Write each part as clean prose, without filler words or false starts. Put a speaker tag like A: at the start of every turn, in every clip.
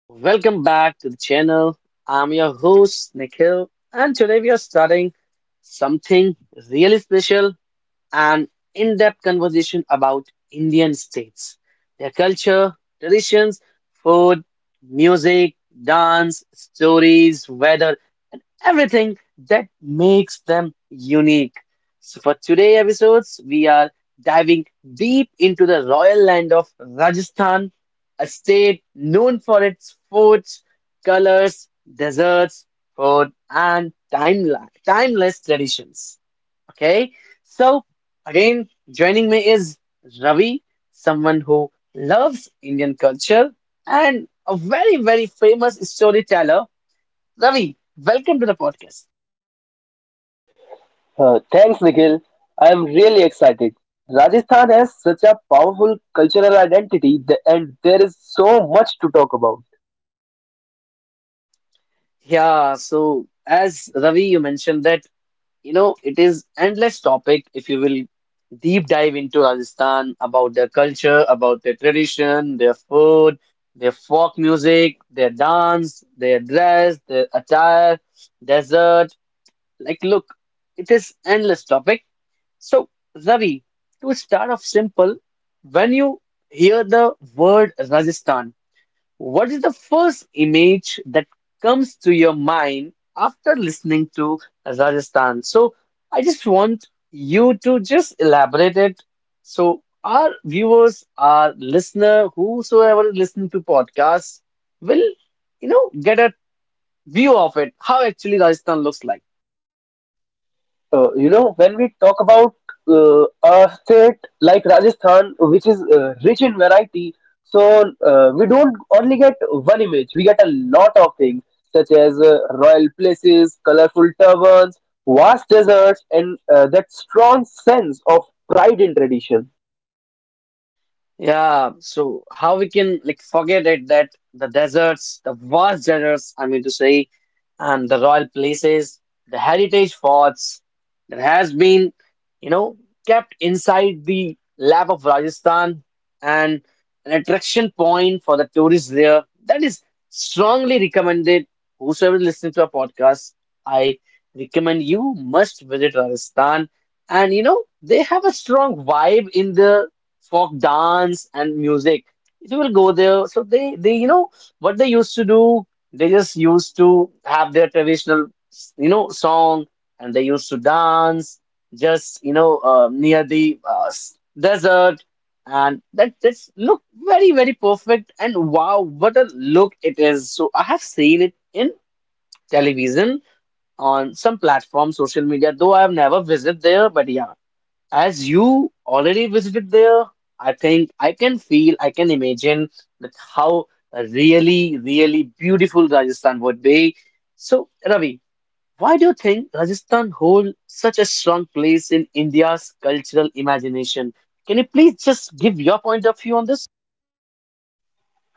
A: welcome back to the channel. I'm your host Nikhil, and today we are starting something really special, an in depth conversation about Indian states, their culture, traditions, food, music, dance, stories, weather, and everything that makes them unique. So, for today episodes, we are diving deep into the royal land of Rajasthan, a state known for its forts, colors, deserts, food, and timeless traditions. Okay, so again, joining me is Ravi, someone who loves Indian culture and a very, very famous storyteller. Ravi, welcome to the podcast.
B: Thanks, Nikhil. I am really excited. Rajasthan has such a powerful cultural identity, and there is so much to talk about.
A: Yeah, so as Ravi, you mentioned that, you know, it is endless topic if you will deep dive into Rajasthan about their culture, about their tradition, their food, their folk music, their dance, their dress, their attire, desert. Like, look, it is endless topic. So, Ravi, to start off simple, when you hear the word Rajasthan, what is the first image that comes to your mind after listening to Rajasthan? So, I just want you to just elaborate it so our viewers, our listener, whosoever listen to podcasts will, you know, get a view of it, how actually Rajasthan looks like.
B: When we talk about a state like Rajasthan, which is rich in variety, so we don't only get one image, we get a lot of things, such as royal places, colorful turbans, vast deserts, and that strong sense of pride in tradition.
A: Yeah, so how we can like forget it that the deserts, the vast deserts, I mean to say, and the royal places, the heritage forts that has been, you know, kept inside the lap of Rajasthan and an attraction point for the tourists there. That is strongly recommended. Whosoever is listening to our podcast, I recommend you must visit Rajasthan. And you know, they have a strong vibe in there folk dance and music. So we'll go there. So they, you know, what they used to do, they just used to have their traditional, you know, song, and they used to dance just, you know, near the desert, and that just look very, very perfect. And wow, what a look it is! So I have seen it in television on some platform, social media, though I have never visited there, but yeah. As you already visited there, I think I can feel, I can imagine that how a really, really beautiful Rajasthan would be. So, Ravi, why do you think Rajasthan holds such a strong place in India's cultural imagination? Can you please just give your point of view on this?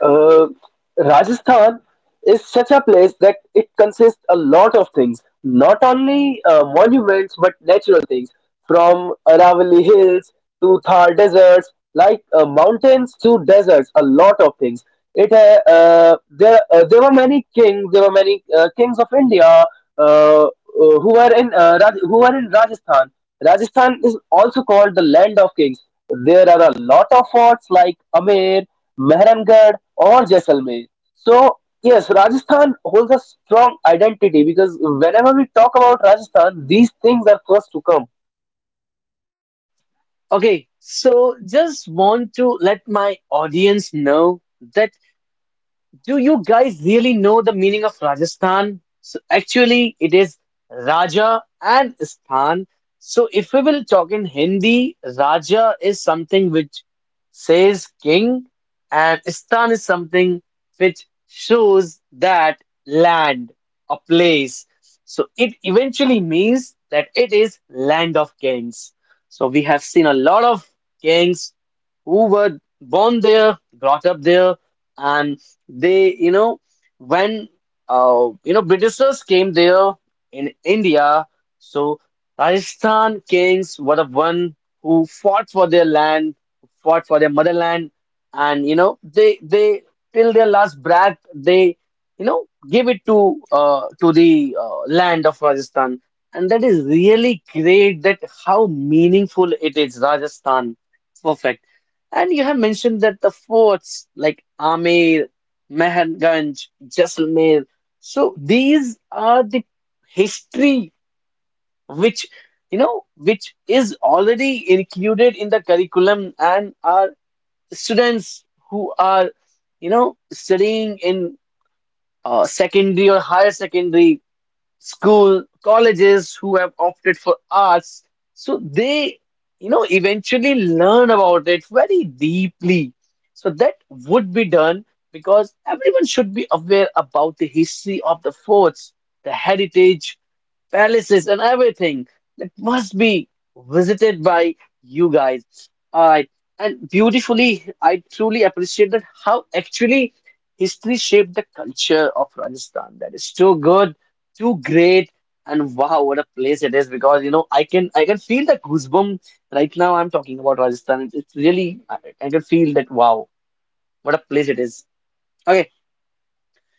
B: Uh, Rajasthan is such a place that it consists a lot of things, not only monuments but natural things, from Aravalli Hills to Thar deserts, like mountains to deserts, a lot of things. It there There were many kings, there were many kings of India uh, uh, who were in who were in Rajasthan. Rajasthan is also called the land of kings. There are a lot of forts like Amer, Mehrangarh, or Jaisalmer. So Yes, Rajasthan holds a strong identity because whenever we talk about Rajasthan, these things are first to come.
A: Okay, so just want to let my audience know that. Do you guys really know the meaning of Rajasthan? So actually, it is Raja and Sthan. So if we will talk in Hindi, Raja is something which says king, and Sthan is something which shows that land, a place. So it eventually means that it is land of kings. So we have seen a lot of kings who were born there, brought up there, and they, you know, when you know, Britishers came there in India, so Rajasthan kings were the one who fought for their land, fought for their motherland, and you know they till their last breath they, you know, give it to to the land of Rajasthan, and that is really great. That how meaningful it is, Rajasthan. Perfect. And you have mentioned that the forts like Amer, Meherganj, Jaisalmer. So these are the history which, you know, which is already included in the curriculum, and our students who are, you know, studying in secondary or higher secondary school colleges who have opted for arts, so they, you know, eventually learn about it very deeply, so that would be done because everyone should be aware about the history of the forts, the heritage palaces, and everything that must be visited by you guys. I and beautifully, I truly appreciate that how actually history shaped the culture of Rajasthan. That is too good, too great, and wow, what a place it is! Because you know, I can feel the goosebump right now. I'm talking about Rajasthan. It's really I can feel that wow, what a place it is. Okay,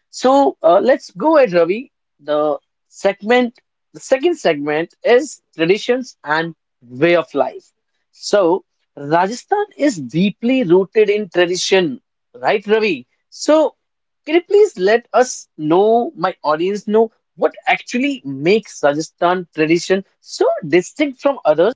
A: so let's go ahead, Ravi. The segment, the second segment is traditions and way of life. So Rajasthan is deeply rooted in tradition, right, Ravi? So can you please let us know, my audience know, what actually makes Rajasthan tradition so distinct from others?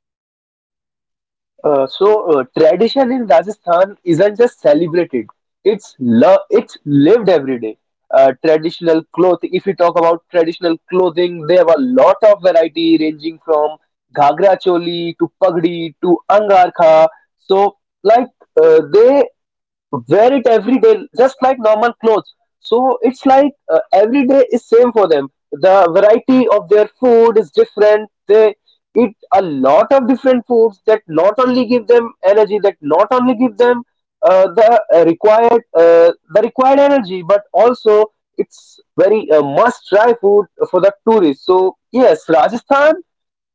B: Tradition in Rajasthan isn't just celebrated; it's lived every day. Traditional clothing. If we talk about traditional clothing, they have a lot of variety ranging from ghagra choli to pagdi to angarkha. So, like they wear it every day just like normal clothes, so it's like every day is same for them. The variety of their food is different. They eat a lot of different foods that not only give them energy, that not only give them the required energy, but also it's very must try food for the tourists. So yes, rajasthan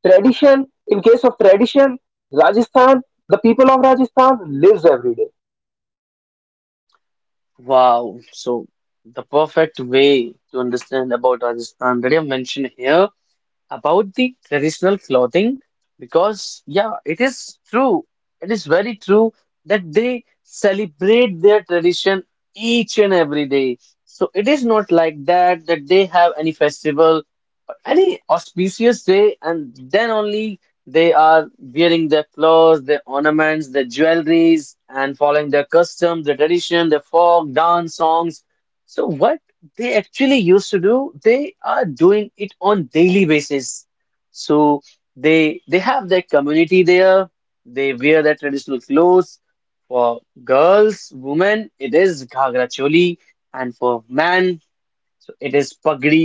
B: tradition in case of tradition rajasthan the people of Rajasthan lives every day.
A: Wow, so the perfect way to understand about Rajasthan that you have mentioned here about the traditional clothing, because yeah, it is true, it is very true that they celebrate their tradition each and every day. So it is not like that, that they have any festival or any auspicious day and then only they are wearing their clothes, their ornaments, their jewelries, and following their custom, their tradition, their folk dance songs. So what they actually used to do, they are doing it on daily basis. So they have their community there, they wear their traditional clothes. For girls women it is ghagra choli, and for man, so it is pagdi,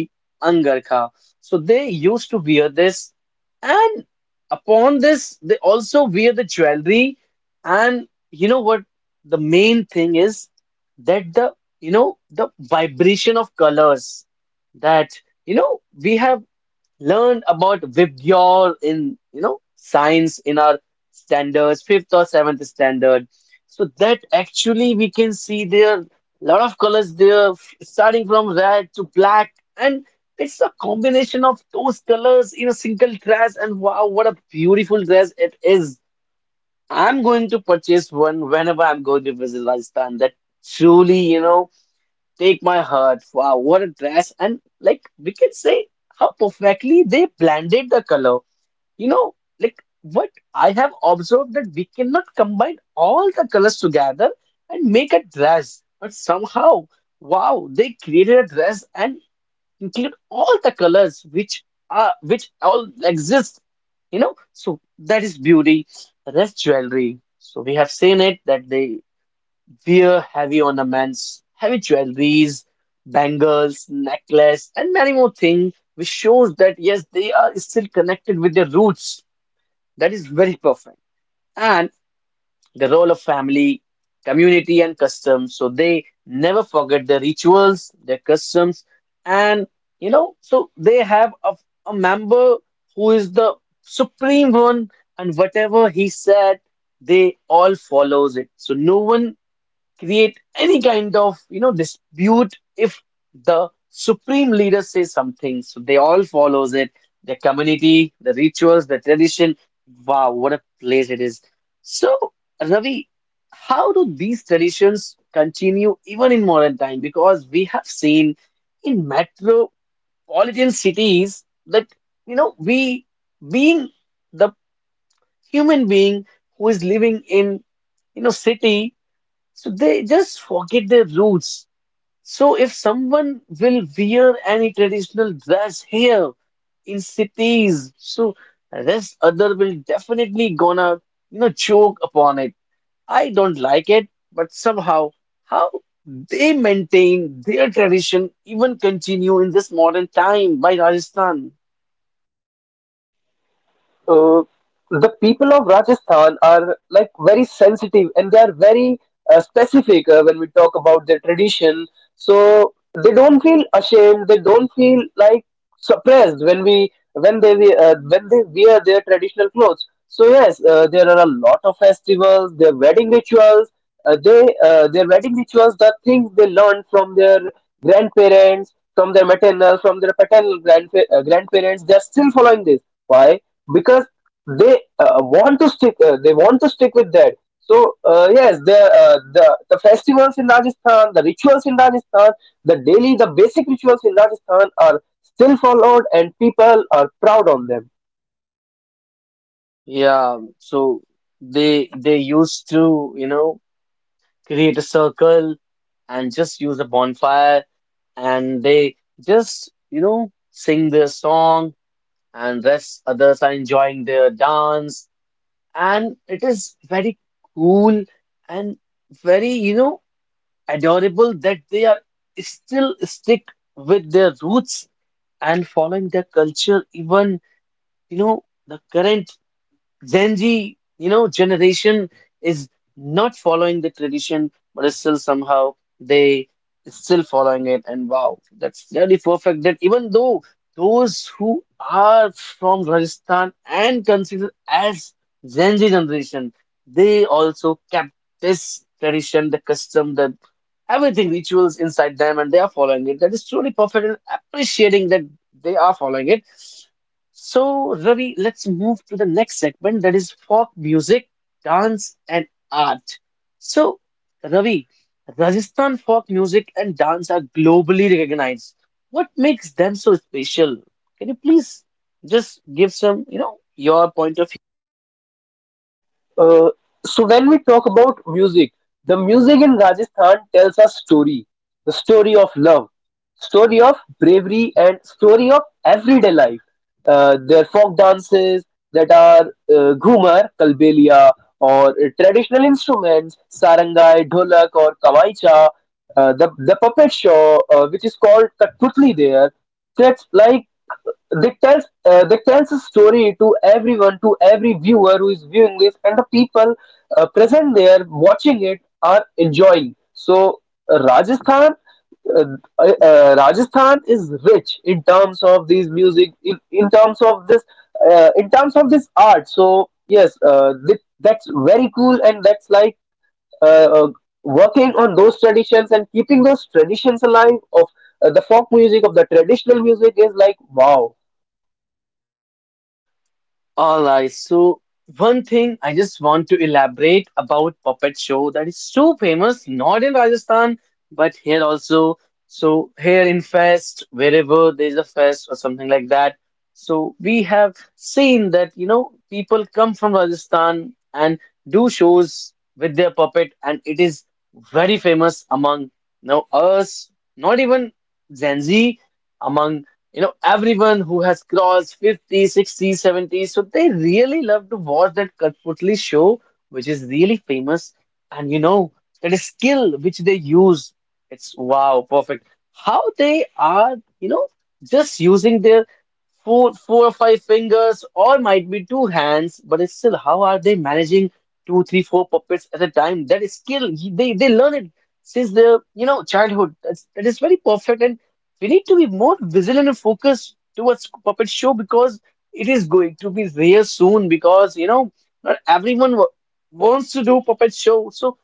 A: angarkha. So they used to wear this, and upon this, they also wear the jewelry. And you know what? The main thing is that the, you know, the vibration of colors that, you know, we have learned about Vibgyor in, you know, science in our standards, fifth or seventh standard. So that actually we can see there are lot of colors there, starting from red to black, and it's a combination of those colors in a single dress. And wow, what a beautiful dress it is! I'm going to purchase one whenever I'm going to visit Rajasthan. That truly, you know. Take my heart. Wow, what a dress. And like we can say how perfectly they blended the color. You know, like what I have observed that we cannot combine all the colors together and make a dress. But somehow, wow, they created a dress and include all the colors which are which all exist. You know, so that is beauty. That's jewelry. So we have seen it that they wear heavy ornaments, heavy jewelries, bangles, necklace, and many more things, which shows that yes, they are still connected with their roots. That is very perfect. And the role of family, community, and customs. So they never forget their rituals, their customs, and, you know, so they have a member who is the supreme one, and whatever he said, they all follows it. So no one create any kind of, you know, dispute. If the supreme leader says something, so they all follows it, the community, the rituals, the tradition. Wow, what a place it is. So Ravi, how do these traditions continue even in modern time? Because we have seen in metropolitan cities that, you know, we being the human being who is living in, you know, city, so they just forget their roots. So if someone will wear any traditional dress here in cities, so rest other will definitely gonna, you know, choke upon it. I don't like it, but somehow how they maintain their tradition even continue in this modern time by Rajasthan.
B: Uh, the people of Rajasthan are like very sensitive, and they are very specific when we talk about their tradition. So they don't feel ashamed. They don't feel suppressed when we- when they wear their traditional clothes. So yes, there are a lot of festivals, their wedding rituals. They their wedding rituals, the things they learned from their grandparents, from their maternal, from their paternal grandparents, they are still following this. Why? Because they they want to stick with that. So yes, the festivals in Rajasthan, the rituals in Rajasthan, the basic rituals in Rajasthan are still followed, and people are proud on them.
A: Yeah, so they used to, you know, create a circle and just use a bonfire, and they just, you know, sing their song, and rest others are enjoying their dance. And it is very cool and very, you know, adorable that they are still stick with their roots and following their culture. Even, you know, the current Gen Z, you know, generation is not following the tradition, but is still somehow they still following it. And wow, that's really perfect. That even though those who are from Rajasthan and considered as Gen Z generation, they also kept this tradition, the custom, the everything rituals inside them, and they are following it. That is truly perfect and appreciating that they are following it. So, Ravi, let's move to the next segment, that is folk music, dance, and art. So, Ravi, Rajasthan folk music and dance are globally recognized. What makes them so special? Can you please just give some, you know, your point of view?
B: Uh, so when we talk about music, the music in Rajasthan tells a story, the story of love, story of bravery, and story of everyday life. Uh, their folk dances, that are ghumar, kalbelia, or traditional instruments, sarangai, dholak, or kamaicha. The puppet show, which is called Katputli there, that's like that tells a story to everyone, to every viewer who is viewing this, and the people present there watching it are enjoying. So uh, Rajasthan Rajasthan is rich in terms of these music, in terms of this, in terms of this art. So yes, that's very cool, and that's like uh, uh, working on those traditions and keeping those traditions alive of the folk music, of the traditional music, is like wow.
A: All right, so one thing I just want to elaborate about puppet show, that is so famous not in Rajasthan but here also. So here in fest, wherever there's a fest or something like that. So we have seen that you know people come from Rajasthan and do shows with their puppet, and it is very famous among now us, not even Gen Z, among you know everyone who has crossed 50, 60, 70, so they really love to watch that Katputli show which is really famous. And you know that skill which they use, it's wow perfect how they are you know just using their four or five fingers or might be two hands, but it's still how are they managing two, three, four puppets at a time. That is skill they learn it since their you know childhood. That is very perfect, and we need to be more vigilant and focused towards puppet show because it is going to be there soon because you know not everyone wa- wants to do puppet show. So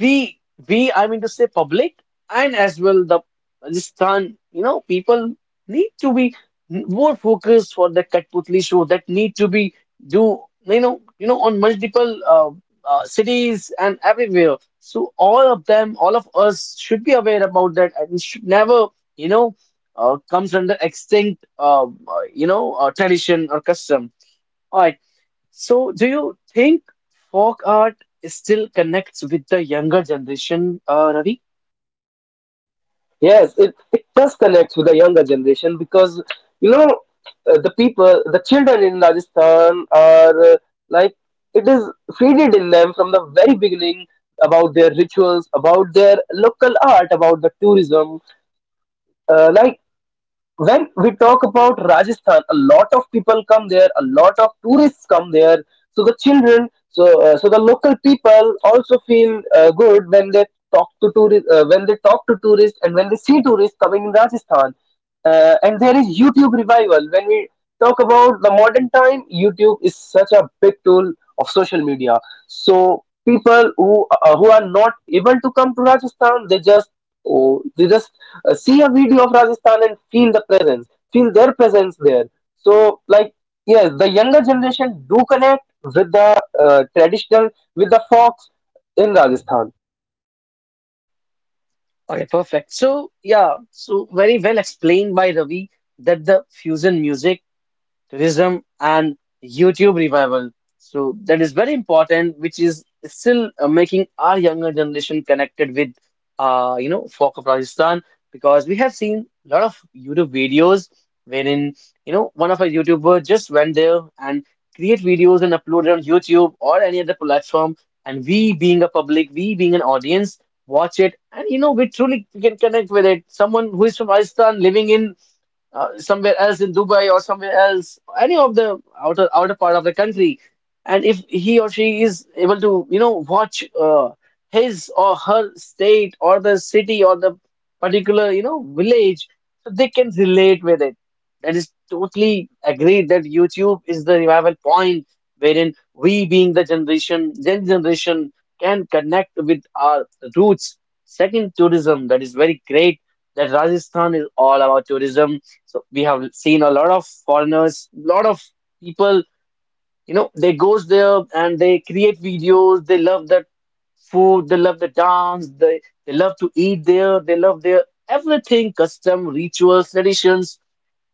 A: we we I mean to say public and as well the Pakistan, you know, people need to be more focused for the Katputli show that need to be do you know on multiple cities and everywhere. So all of them, all of us should be aware about that and should never you know comes under extinct you know tradition or custom. All right. So, do you think folk art still connects with the younger generation, Ravi?
B: Yes, it does connect with the younger generation because you know the people, the children in Rajasthan are like it is feeded in them from the very beginning about their rituals, about their local art, about the tourism. Like when we talk about Rajasthan, a lot of people come there, a lot of tourists come there. So the children, the local people also feel good when they talk to tourists, when they talk to tourists, and when they see tourists coming in Rajasthan. And there is YouTube revival. When we talk about the modern time, YouTube is such a big tool of social media. So people who are not able to come to Rajasthan, they they just see a video of Rajasthan and feel the presence, feel their presence there. So, like, yes, the younger generation do connect with the traditional, with the folks in Rajasthan.
A: Okay, perfect. So, yeah, so very well explained by Ravi that the fusion music, tourism, and YouTube revival. So that is very important, which is still making our younger generation connected with, you know, folk of Rajasthan, because we have seen a lot of YouTube videos wherein, you know, one of our YouTuber just went there and create videos and upload it on YouTube or any other platform, and we being a public, we being an audience, watch it, and you know, we truly can connect with it. Someone who is from Rajasthan living in somewhere else in Dubai or somewhere else, any of the outer part of the country, and if he or she is able to, you know, watch his or her state or the city or the particular, you know, village, so they can relate with it. That is totally agreed that YouTube is the revival point wherein we, being the generation, Gen generation, can connect with our roots. Second, tourism. That is very great that Rajasthan is all about tourism, so we have seen a lot of foreigners, lot of people, you know, they goes there and they create videos. They love that food, they love the dance, they love to eat there, they love their everything, custom, rituals, traditions,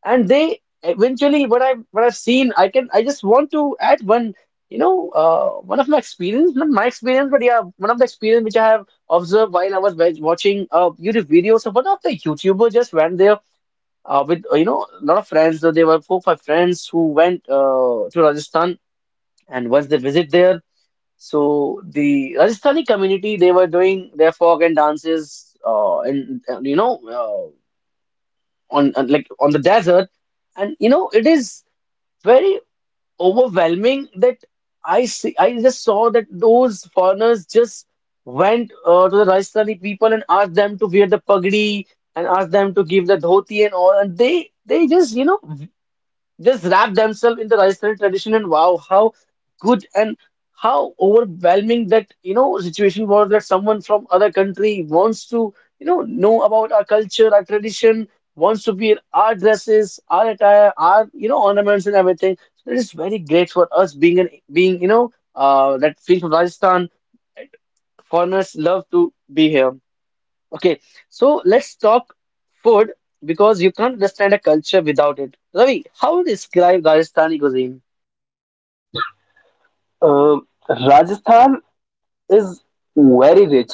A: and they eventually what I've seen, I just want to add one, you know, one of my experience, not my experience, but yeah, one of the experience which I have observed while I was watching YouTube videos. So one of the YouTuber just went there with you know a lot of friends. So there were four, five friends who went to Rajasthan, and once they visit there, so the Rajasthani community they were doing their folk and dances, and you know like on the desert, and you know it is very overwhelming that I just saw that those foreigners just went to the Rajasthani people and asked them to wear the pagdi and asked them to give the dhoti and all, and they just you know just wrap themselves in the Rajasthani tradition. And wow, how good and how overwhelming that, you know, situation was, that someone from other country wants to, you know about our culture, our tradition, wants to wear our dresses, our attire, our, you know, ornaments and everything. So it is very great for us being an being, you know, that being from Rajasthan, foreigners love to be here. Okay, so let's talk food because you can't understand a culture without it. Ravi, how would you describe Rajasthani cuisine?
B: Um, Rajasthan is very rich.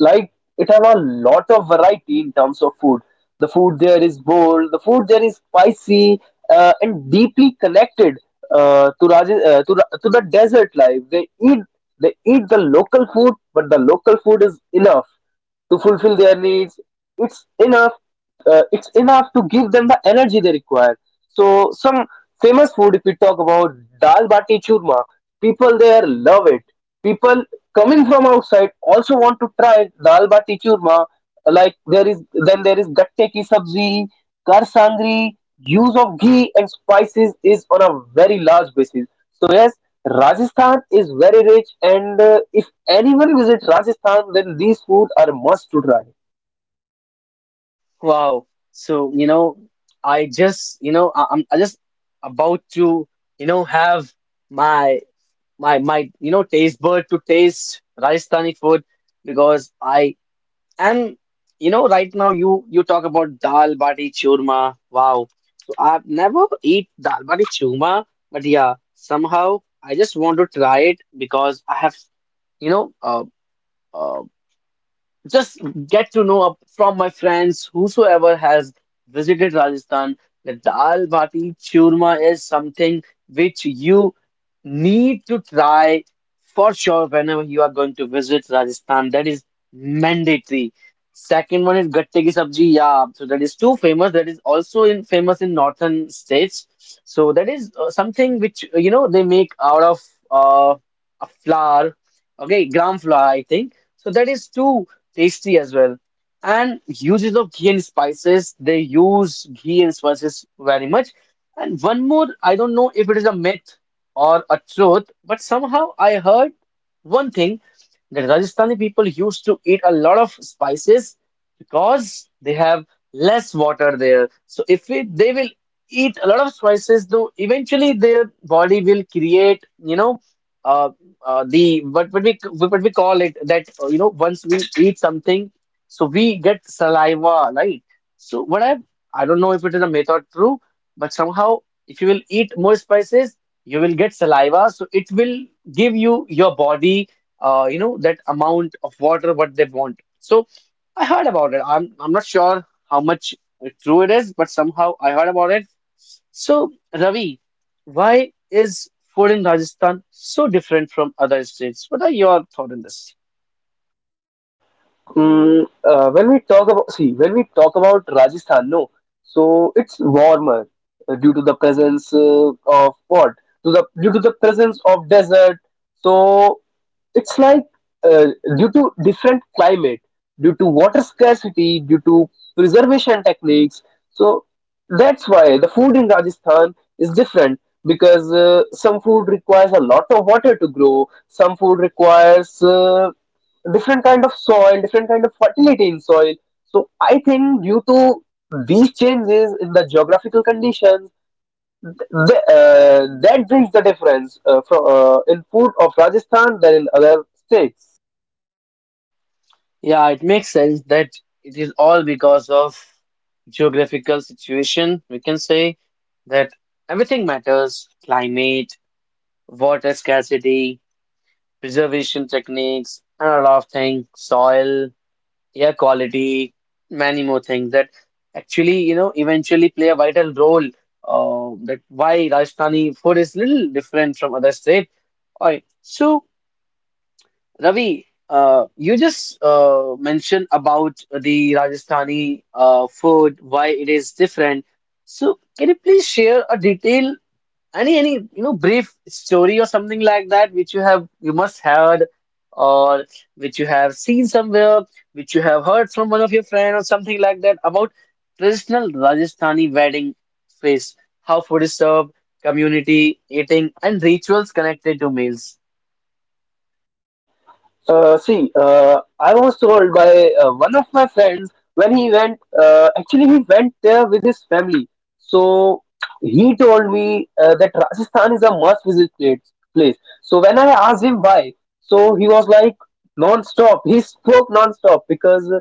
B: Like, it have a lot of variety in terms of food. The food there is bold, the food there is spicy, and deeply connected to Raj- to, Ra- to the desert life. They eat, they eat the local food, but the local food is enough to fulfill their needs. It's enough, it's enough to give them the energy they require. So some famous food if we talk about: dal bati churma, people there love it. People coming from outside also want to try dal bati churma. Like, there is, then there is gatte ki sabzi, kar sangri. Use of ghee and spices is on a very large basis. So yes, Rajasthan is very rich, and if anyone visits Rajasthan, then these food are must to try.
A: Wow. So, you know, I just about to, you know, have my my, you know, taste bud to taste Rajasthani food because I. And you know, right now you talk about dal bati churma. Wow. So I've never eat dal bati churma, but yeah, somehow I just want to try it because I have, you know, uh, just get to know up from my friends whosoever has visited Rajasthan, that dal bati churma is something which you need to try for sure whenever you are going to visit Rajasthan. That is mandatory. Second one is gatte ki sabji. Yeah, so that is too famous. That is also in famous in northern states. So that is something which you know they make out of uh, a flour. Okay, gram flour, I think. So that is too tasty as well. And uses of ghee and spices, they use ghee and spices very much. And one more, I don't know if it is a myth or a truth, but somehow I heard one thing that Rajasthani people used to eat a lot of spices because they have less water there. So if we, they will eat a lot of spices, though eventually their body will create, you know uh, the what we call it, that you know once we eat something, so we get saliva, right? So what I don't know if it is a myth or true, but somehow if you will eat more spices, you will get saliva, so it will give you your body, you know that amount of water what they want. So I heard about it. I'm not sure how much true it is, but somehow I heard about it. So, Ravi, why is food in Rajasthan so different from other states? What are your thoughts on this?
B: When we talk about Rajasthan, no, so it's warmer due to the presence of what? To the due to the presence of desert. So it's like uh, due to different climate, due to water scarcity, due to preservation techniques. So that's why the food in Rajasthan is different, because some food requires a lot of water to grow, some food requires different kind of soil, different kind of fertility in soil. So I think due to these changes in the geographical conditions, that brings the difference in food of Rajasthan than in other states.
A: Yeah, it makes sense that it is all because of geographical situation. We can say that everything matters, climate, water scarcity, preservation techniques, and a lot of things, soil, air quality, many more things that actually, you know, eventually play a vital role. That why Rajasthani food is little different from other state. All right. So, Ravi, you just mentioned about the Rajasthani food, why it is different. So, can you please share a detail any you know brief story or something like that which you have you must heard, or which you have seen somewhere, which you have heard from one of your friend or something like that about traditional Rajasthani wedding feast, how food is served, community eating, and rituals connected to meals?
B: I was told by one of my friends when he went, actually, he went there with his family. So he told me that Rajasthan is a must visit place. So when I asked him why, so he was like non stop. He spoke non stop because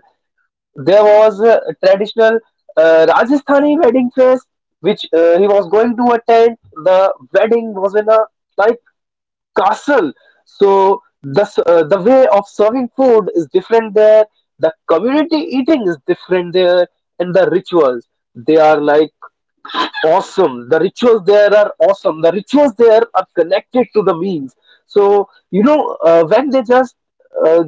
B: there was a traditional Rajasthani wedding fest which he was going to attend. The wedding was in a like castle. So the way of serving food is different there. The community eating is different there, and the rituals, they are like awesome. The rituals there are awesome. The rituals there are connected to the meals. So you know when they just uh,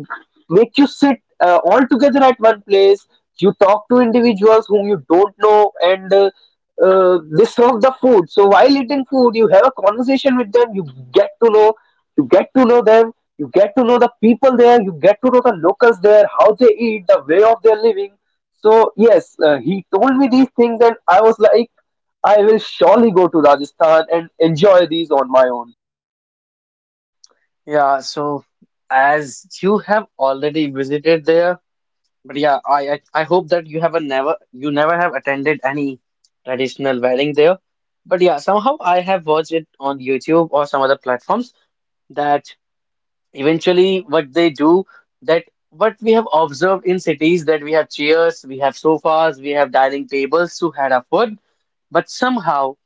B: make you sit all together at one place, you talk to individuals whom you don't know, and they serve the food. So while eating food, you have a conversation with them. Get to know, you get to know them. You get to know the people there. You get to know the locals there, how they eat, the way of their living. So yes, he told me these things, and I was like, I will surely go to Rajasthan and enjoy these on my own.
A: Yeah, so as you have already visited there. But yeah, I hope that you have a never you never have attended any traditional wedding there. But yeah, somehow I have watched it on YouTube or some other platforms, that eventually what they do, that what we have observed in cities, that we have chairs, we have sofas, we have dining tables to have our food, but somehow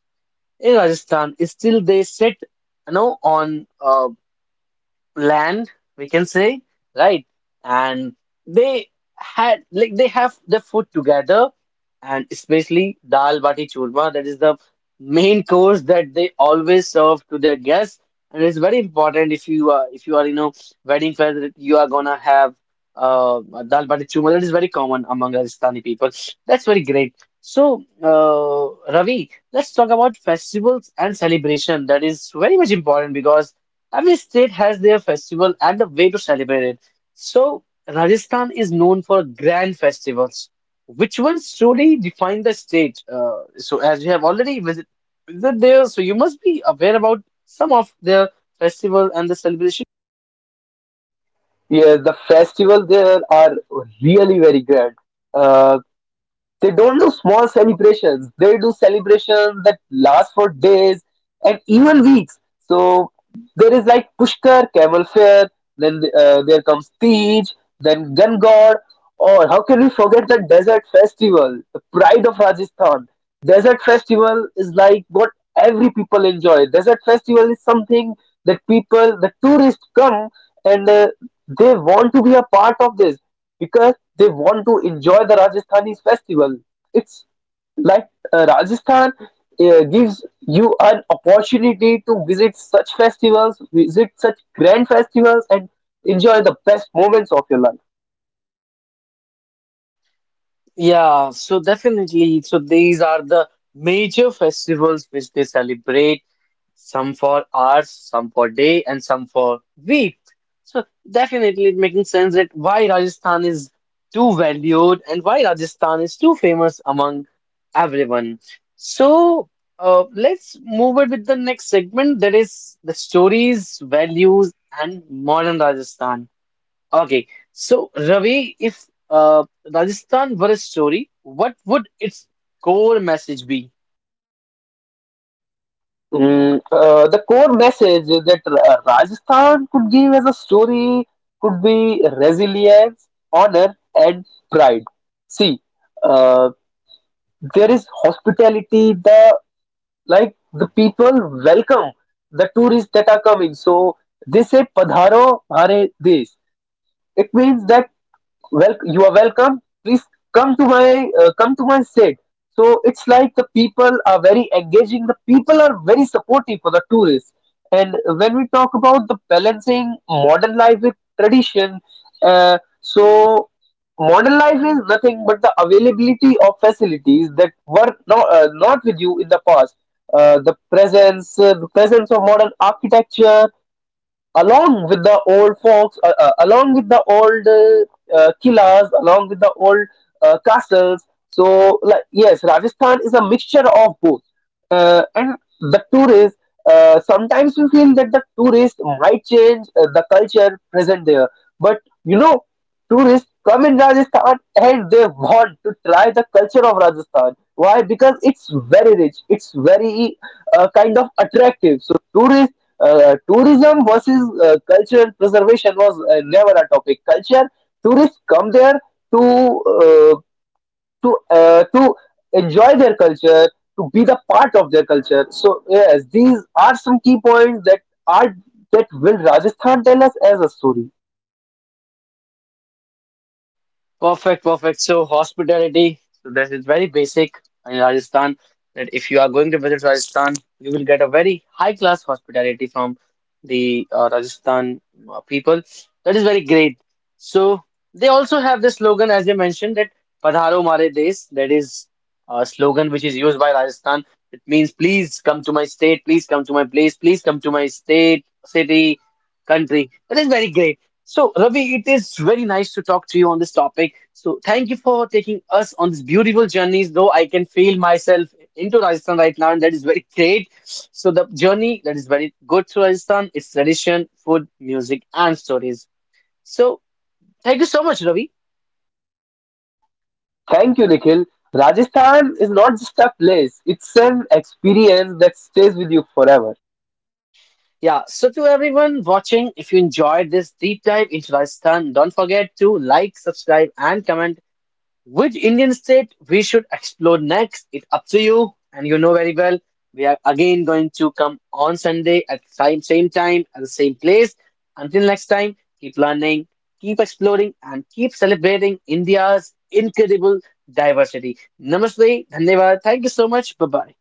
A: in Rajasthan still they sit you know on land, we can say, right? And they had like they have the food together, and especially dal bati churma, that is the main course that they always serve to their guests, and it's very important if you are you know wedding fair that you are gonna have uh dal bati churma. That is very common among Rajasthani people. That's very great. So, Ravi, let's talk about festivals and celebration. That is very much important because every state has their festival and a way to celebrate it. So, Rajasthan is known for grand festivals. Which ones truly define the state? So, as you have already visited there, so you must be aware about some of their festival and the celebration.
B: Yes, the festivals there are really very grand. Uh, They don't do small celebrations. They do celebrations that last for days and even weeks. So there is like Pushkar, Camel Fair, then there comes Tej, then Gun God, or how can we forget the Desert Festival, the pride of Rajasthan? Desert Festival is like what every people enjoy. Desert Festival is something that people, the tourists come, and they want to be a part of this because they want to enjoy the Rajasthani festival. It's like Rajasthan gives you an opportunity to visit such festivals, visit such grand festivals, and enjoy the best moments of your life.
A: Yeah, so definitely. So these are the major festivals which they celebrate, some for hours, some for day, and some for week. So definitely it making sense that why Rajasthan is too valued and why Rajasthan is too famous among everyone. So let's move on with the next segment, that is the stories, values, and modern Rajasthan. Okay, so Ravi, if uh, Rajasthan were a story, what would its core message be?
B: The core message that Rajasthan could give as a story could be resilience, honor, and pride. See, uh, there is hospitality, the people welcome the tourists that are coming. So they say Padharo Hare Desh. It means that, well, you are welcome, please come to my state. So it's like the people are very engaging, the people are very supportive for the tourists. And when we talk about the balancing modern life with tradition, so modern life is nothing but the availability of facilities that were not with you in the past, the presence of modern architecture along with the old folks, along with the old killers, along with the old castles. So, like, yes, Rajasthan is a mixture of both. And the tourists, sometimes we feel that the tourists might change the culture present there. But you know, tourists come in Rajasthan and they want to try the culture of Rajasthan. Why? Because it's very rich. It's very kind of attractive. So tourists tourism versus cultural preservation was never a topic. Culture, tourists come there to uh, to enjoy their culture, to be the part of their culture. So yes, these are some key points that are that will Rajasthan tell us as a story.
A: Perfect, perfect. So hospitality, so this is very basic in Rajasthan, that if you are going to visit Rajasthan, you will get a very high class hospitality from the Rajasthan people. That is very great. So they also have this slogan, as you mentioned, that "Padharo Mare Desh." That is a slogan which is used by Rajasthan. It means please come to my state, please come to my place, please come to my state, city, country. That is very great. So, Ravi, it is very nice to talk to you on this topic. So, thank you for taking us on this beautiful journeys. Though I can feel myself into Rajasthan right now, and that is very great. So, the journey that is very good to Rajasthan is tradition, food, music, and stories. So, thank you so much, Ravi.
B: Thank you, Nikhil. Rajasthan is not just a place; it's an experience that stays with you forever.
A: Yeah. So, to everyone watching, if you enjoyed this deep dive into Rajasthan, don't forget to like, subscribe, and comment. Which Indian state we should explore next? It's up to you, and you know very well. We are again going to come on Sunday at same time at the same place. Until next time, keep learning, keep exploring, and keep celebrating India's incredible diversity. Namaste, dhanyavad. Thank you so much. Bye bye.